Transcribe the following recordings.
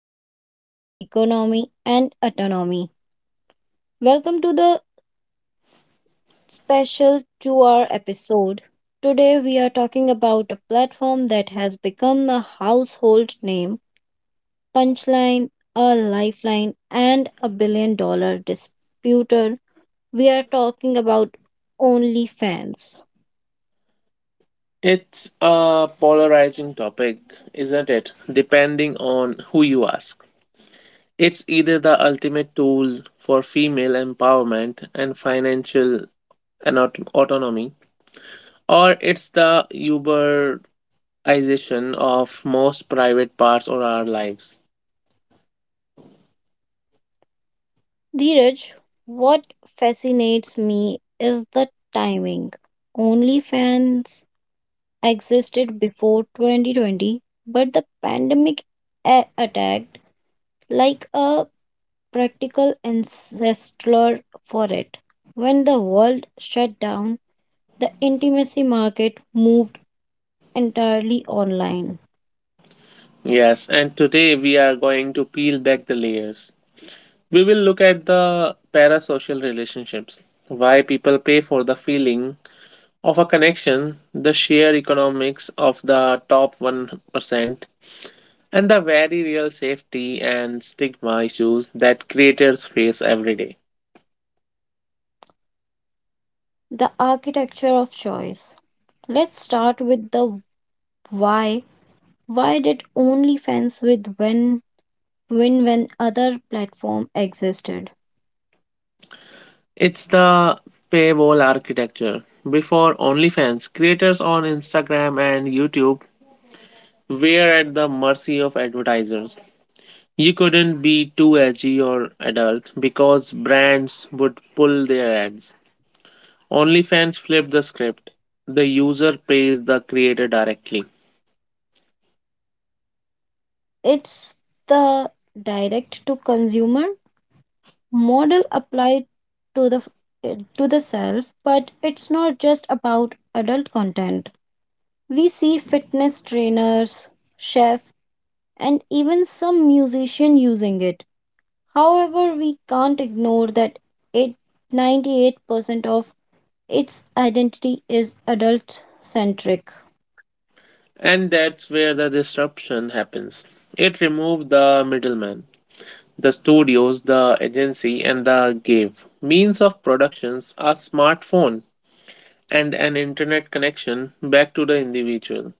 intimacy, economy, and autonomy. Welcome to the special 2 hour episode. Today, we are talking about a platform that has become a household name, punchline, a lifeline, and a billion dollar disputer. We are talking about OnlyFans. It's a polarizing topic, isn't it? Depending on who you ask. It's either the ultimate tool for female empowerment and financial and autonomy, or it's the Uberization of most private parts of our lives. Dheeraj, what fascinates me is the timing. OnlyFans existed before 2020, but the pandemic attacked like a practical ancestor for it. When the world shut down, the intimacy market moved entirely online. Yes, and today we are going to peel back the layers. We will look at the parasocial relationships, why people pay for the feeling of a connection, the sheer economics of the top 1%, and the very real safety and stigma issues that creators face every day. The architecture of choice. Let's start with the why. Why did OnlyFans with when win when other platform existed? It's the paywall architecture. Before OnlyFans, creators on Instagram and YouTube were at the mercy of advertisers. You couldn't be too edgy or adult because brands would pull their ads. OnlyFans flipped the script. The user pays the creator directly. It's the direct to consumer model applied to the self, but it's not just about adult content. We see fitness trainers, chef, and even some musician using it. However, we can't ignore that it, 98% of its identity is adult centric. And that's where the disruption happens. It removed the middleman, the studios, the agency, and the gave. Means of productions a smartphone and an internet connection back to the individual.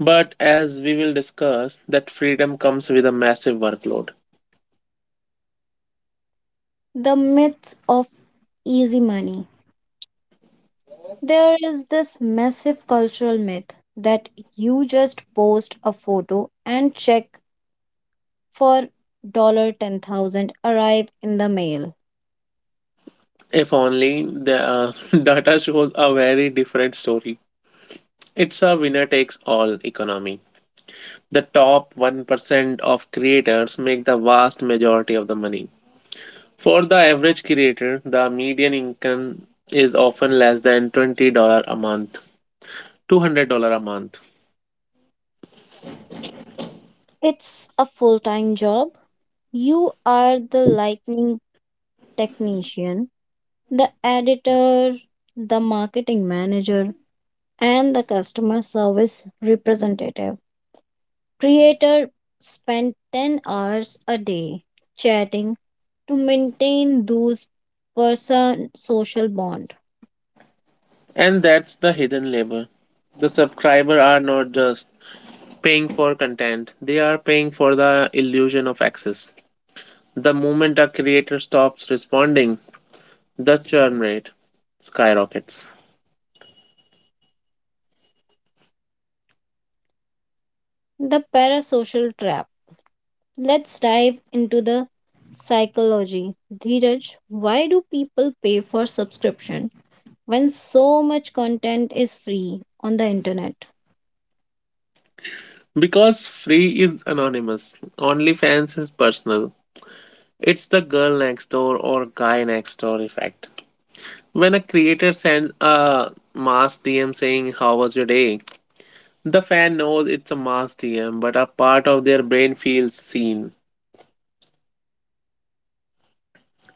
But as we will discuss, that freedom comes with a massive workload. The myth of easy money. There is this massive cultural myth that you just post a photo and check for 10,000 arrive in the mail. If only the data shows a very different story. It's a winner takes all economy. The top 1% of creators make the vast majority of the money. For the average creator, the median income is often less than $20 a month, $200 a month. It's a full time job. You are the lightning technician, the editor, the marketing manager, and the customer service representative. Creator spend 10 hours a day chatting to maintain those person social bond. And that's the hidden labor. The subscriber are not just paying for content, they are paying for the illusion of access. The moment a creator stops responding, the churn rate skyrockets. The parasocial trap. Let's dive into the psychology. Dheeraj, why do people pay for subscription when so much content is free on the internet? Because free is anonymous, OnlyFans is personal. It's the girl next door or guy next door effect. When a creator sends a mass DM saying, "How was your day?" the fan knows it's a mass DM, but a part of their brain feels seen.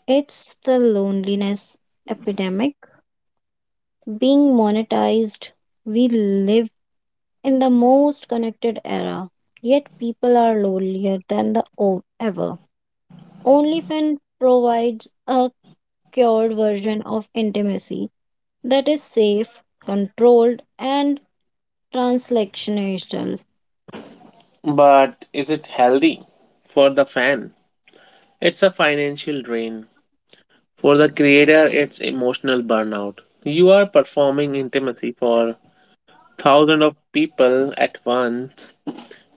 It's the loneliness epidemic being monetized. We live in the most connected era, yet people are lonelier than ever. OnlyFans provides a cured version of intimacy that is safe, controlled, and translational. But is it healthy? For the fan, it's a financial drain. For the creator, it's emotional burnout. You are performing intimacy for thousands of people at once.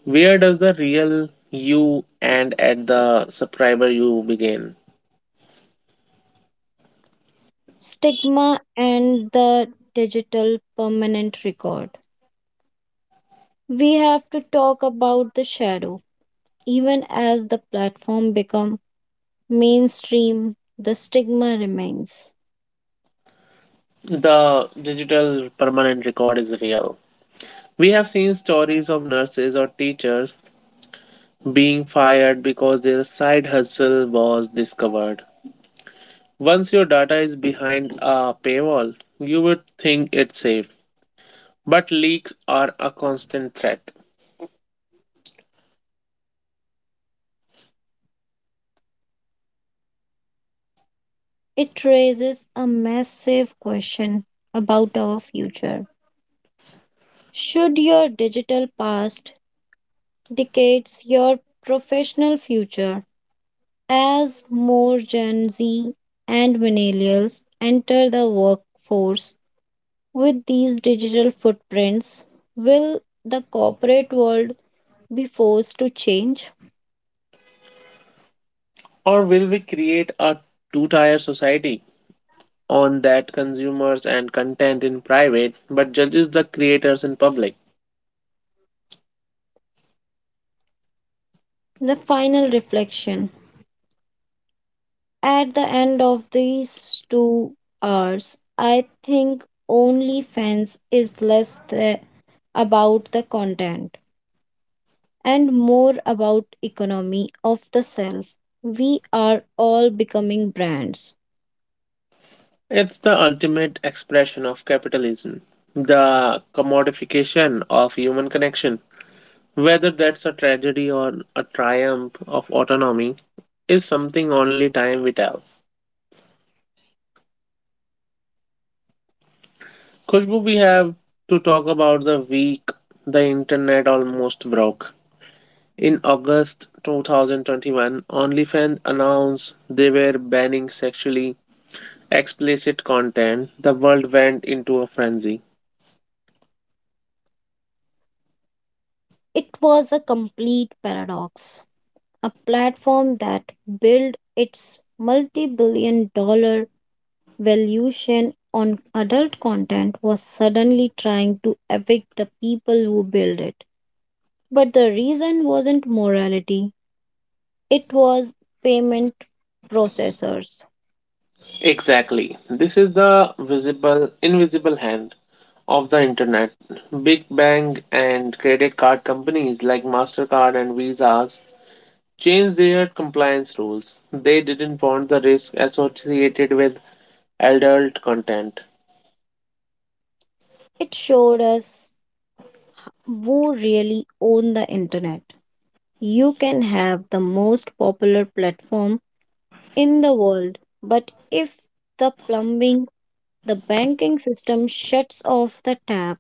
Where does the real you end at the subscriber you begin? Stigma and the digital permanent record. We have to talk about the shadow. Even as the platform become mainstream, the stigma remains. The digital permanent record is real. We have seen stories of nurses or teachers being fired because their side hustle was discovered. Once your data is behind a paywall, you would think it's safe. But leaks are a constant threat. It raises a massive question about our future. Should your digital past dictates your professional future? As more gen z and millennials enter the workforce with these digital footprints, will the corporate world be forced to change? Or will we create a two tier society on that consumers and content in private but judges the creators in public? The final reflection. At the end of these 2 hours, I think OnlyFans is less about the content and more about economy of the self. We are all becoming brands. It's the ultimate expression of capitalism, the commodification of human connection. Whether that's a tragedy or a triumph of autonomy is something only time will tell. Khushbu, we have to talk about the week the internet almost broke. In August 2021, OnlyFans announced they were banning sexually explicit content. The world went into a frenzy. It was a complete paradox. A platform that built its multi-billion dollar valuation on adult content was suddenly trying to evict the people who built it. But the reason wasn't morality, it was payment processors. Exactly. This is the visible, invisible hand of the internet. Big Bang and credit card companies like MasterCard and Visas changed their compliance rules. They didn't want the risk associated with adult content. It showed us who really own the internet. You can have the most popular platform in the world, but if the plumbing, the banking system shuts off the tap.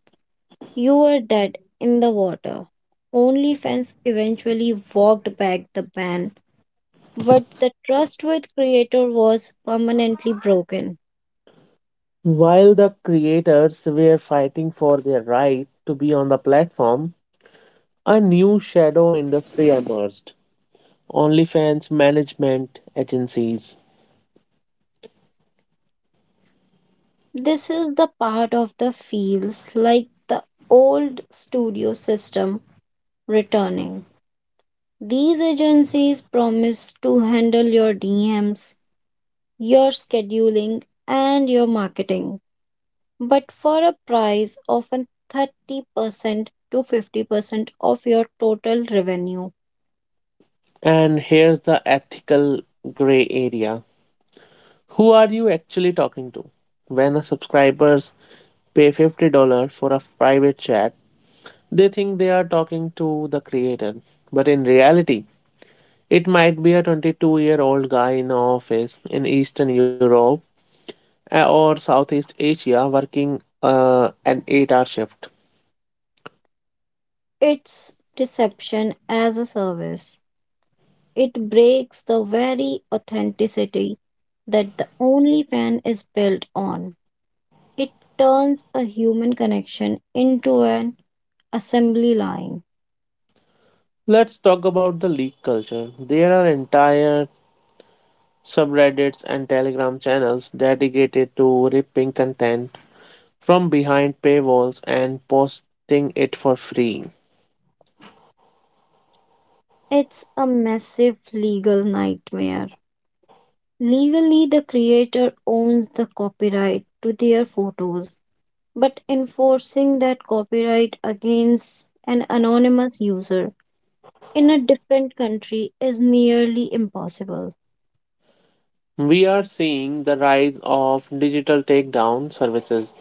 You were dead in the water. OnlyFans eventually walked back the ban, but the trust with creator was permanently broken. While the creators were fighting for their right to be on the platform, a new shadow industry emerged, OnlyFans management agencies. This is the part of the feels like the old studio system returning. These agencies promise to handle your DMs, your scheduling, and your marketing, but for a price often 30% to 50% of your total revenue. And here's the ethical gray area. Who are you actually talking to? When a subscribers pay $50 for a private chat, they think they are talking to the creator. But in reality, it might be a 22-year-old guy in the office in Eastern Europe or Southeast Asia working an 8-hour shift. It's deception as a service. It breaks the very authenticity that the OnlyFan is built on. It turns a human connection into an assembly line. Let's talk about the leak culture. There are entire subreddits, and Telegram channels dedicated to ripping content from behind paywalls and posting it for free. It's a massive legal nightmare. Legally, the creator owns the copyright to their photos, but enforcing that copyright against an anonymous user in a different country is nearly impossible. We are seeing the rise of digital takedown services,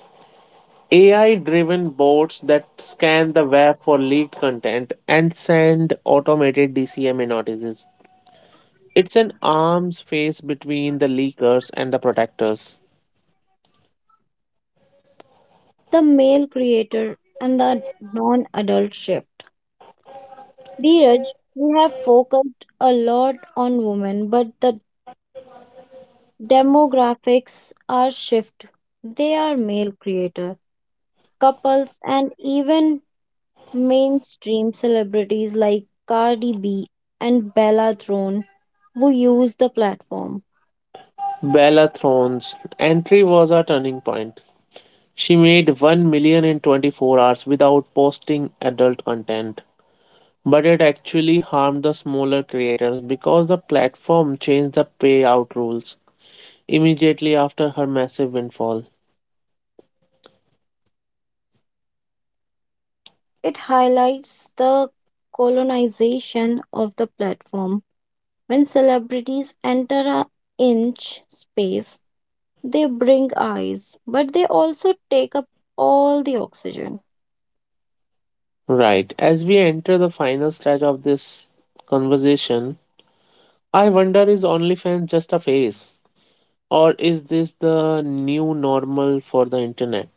AI driven bots that scan the web for leaked content and send automated DCMA notices. It's an arms race between the leakers and the protectors. The male creator and the non adult shift. Dheeraj, we have focused a lot on women, but the demographics are shift. They are male creator, couples, and even mainstream celebrities like Cardi B and Bella Thorne who use the platform. Bellathron's entry was a turning point. She made 1 million in 24 hours without posting adult content. But it actually harmed the smaller creators because the platform changed the payout rules immediately after her massive windfall. It highlights the colonization of the platform. When celebrities enter a inch space, they bring eyes, but they also take up all the oxygen. Right, as we enter the final stretch of this conversation, I wonder, is OnlyFans just a phase? Or is this the new normal for the internet?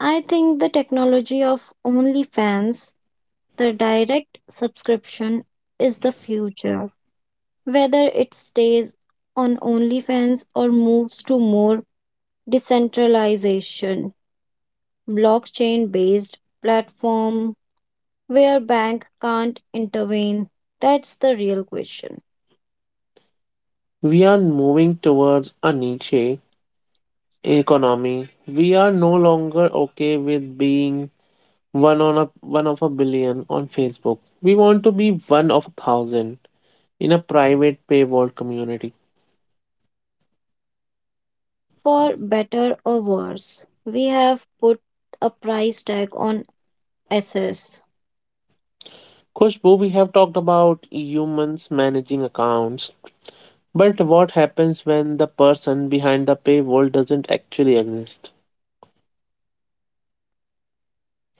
I think the technology of OnlyFans, the direct subscription, is the future. Whether it stays on OnlyFans or moves to more decentralization, blockchain based platform where bank can't intervene? That's the real question. We are moving towards a niche economy. We are no longer okay with being one on a one of a billion on Facebook. We want to be one of a thousand in a private paywall community. For better or worse, we have put a price tag on SS. Khushbu, we have talked about humans managing accounts, but what happens when the person behind the paywall doesn't actually exist?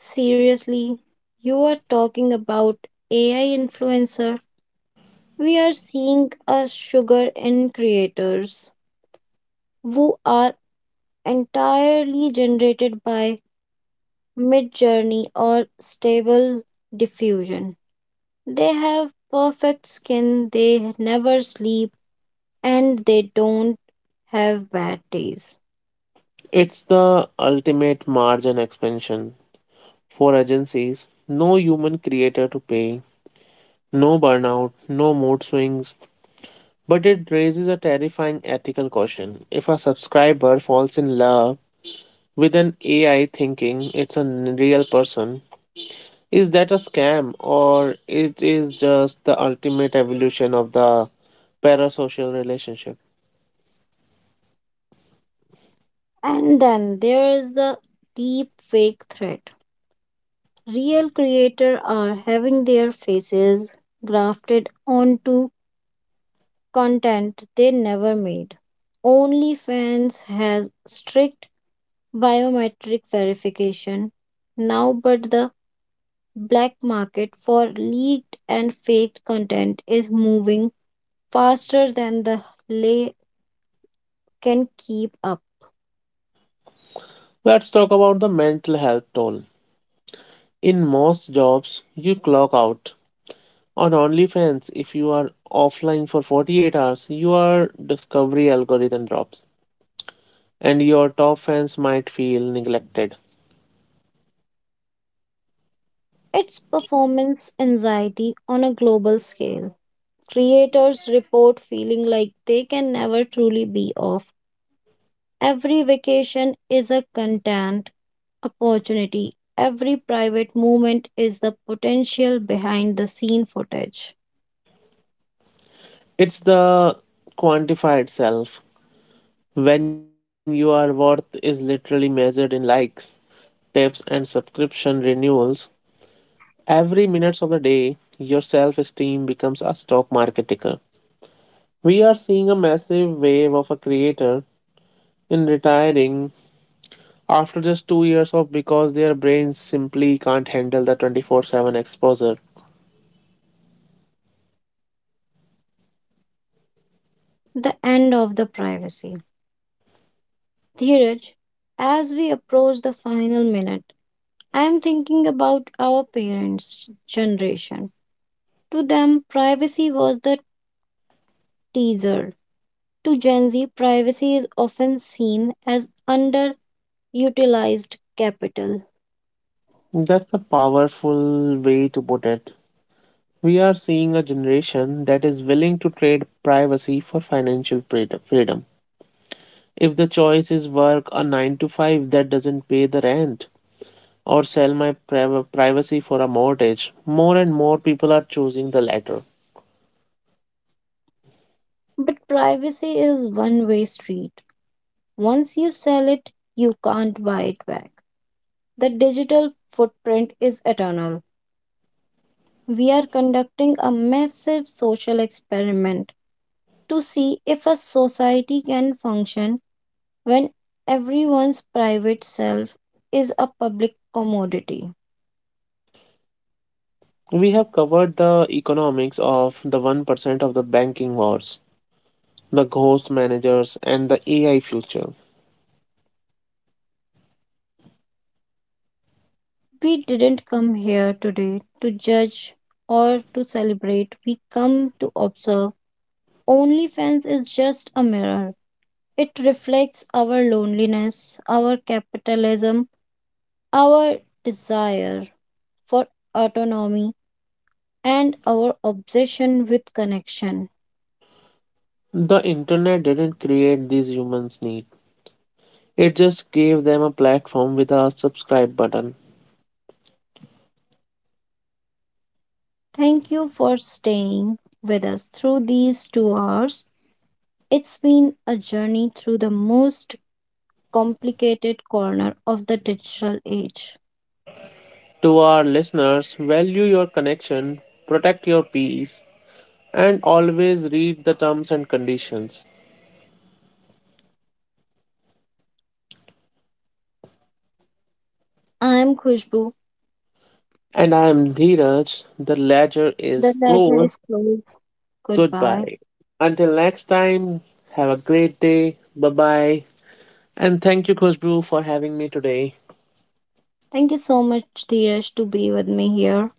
Seriously, you are talking about AI influencer. We are seeing a sugar in creators who are entirely generated by Midjourney or Stable Diffusion. They have perfect skin, they never sleep, and they don't have bad days. It's the ultimate margin expansion for agencies. No human creator to pay, no burnout, no mood swings. But it raises a terrifying ethical question. If a subscriber falls in love with an AI thinking it's a real person, is that a scam or it is just the ultimate evolution of the parasocial relationship? And then there's the deep fake threat. Real creators are having their faces grafted onto content they never made. OnlyFans has strict biometric verification now, but the black market for leaked and faked content is moving faster than the lay can keep up. Let's talk about the mental health toll. In most jobs, you clock out. On OnlyFans, if you are offline for 48 hours, your discovery algorithm drops, and your top fans might feel neglected. It's performance anxiety on a global scale. Creators report feeling like they can never truly be off. Every vacation is a content opportunity. Every private moment is the potential behind the scene footage. It's the quantify itself. When your worth is literally measured in likes, tips, and subscription renewals, every minute of the day, your self esteem becomes a stock market ticker. We are seeing a massive wave of a creator in retiring after just 2 years of because their brains simply can't handle the 24/7 exposure. The end of the privacy. Dheeraj, as we approach the final minute, I am thinking about our parents' generation. To them, privacy was the teaser. To Gen Z, privacy is often seen as underutilized capital. That's a powerful way to put it. We are seeing a generation that is willing to trade privacy for financial freedom. If the choice is work a 9 to 5 that doesn't pay the rent or sell my privacy for a mortgage, more and more people are choosing the latter. But privacy is one way street. Once you sell it, you can't buy it back. The digital footprint is eternal. We are conducting a massive social experiment to see if a society can function when everyone's private self is a public commodity. We have covered the economics of the 1% of the banking wars, the ghost managers, and the AI future. We didn't come here today to judge or to celebrate. We come to observe. OnlyFans is just a mirror. It reflects our loneliness, our capitalism, our desire for autonomy, and our obsession with connection. The internet didn't create these humans' need. It just gave them a platform with a subscribe button. Thank you for staying with us through these 2 hours. It's been a journey through the most complicated corner of the digital age. To our listeners, value your connection, protect your peace, and always read the terms and conditions. I'm Khushbu. And I am Dheeraj. The ledger The is ledger closed. is closed. Goodbye. Goodbye. Until next time, have a great day. Bye bye. And thank you, Kushbrew, for having me today. Thank you so much, Dheeraj, to be with me here.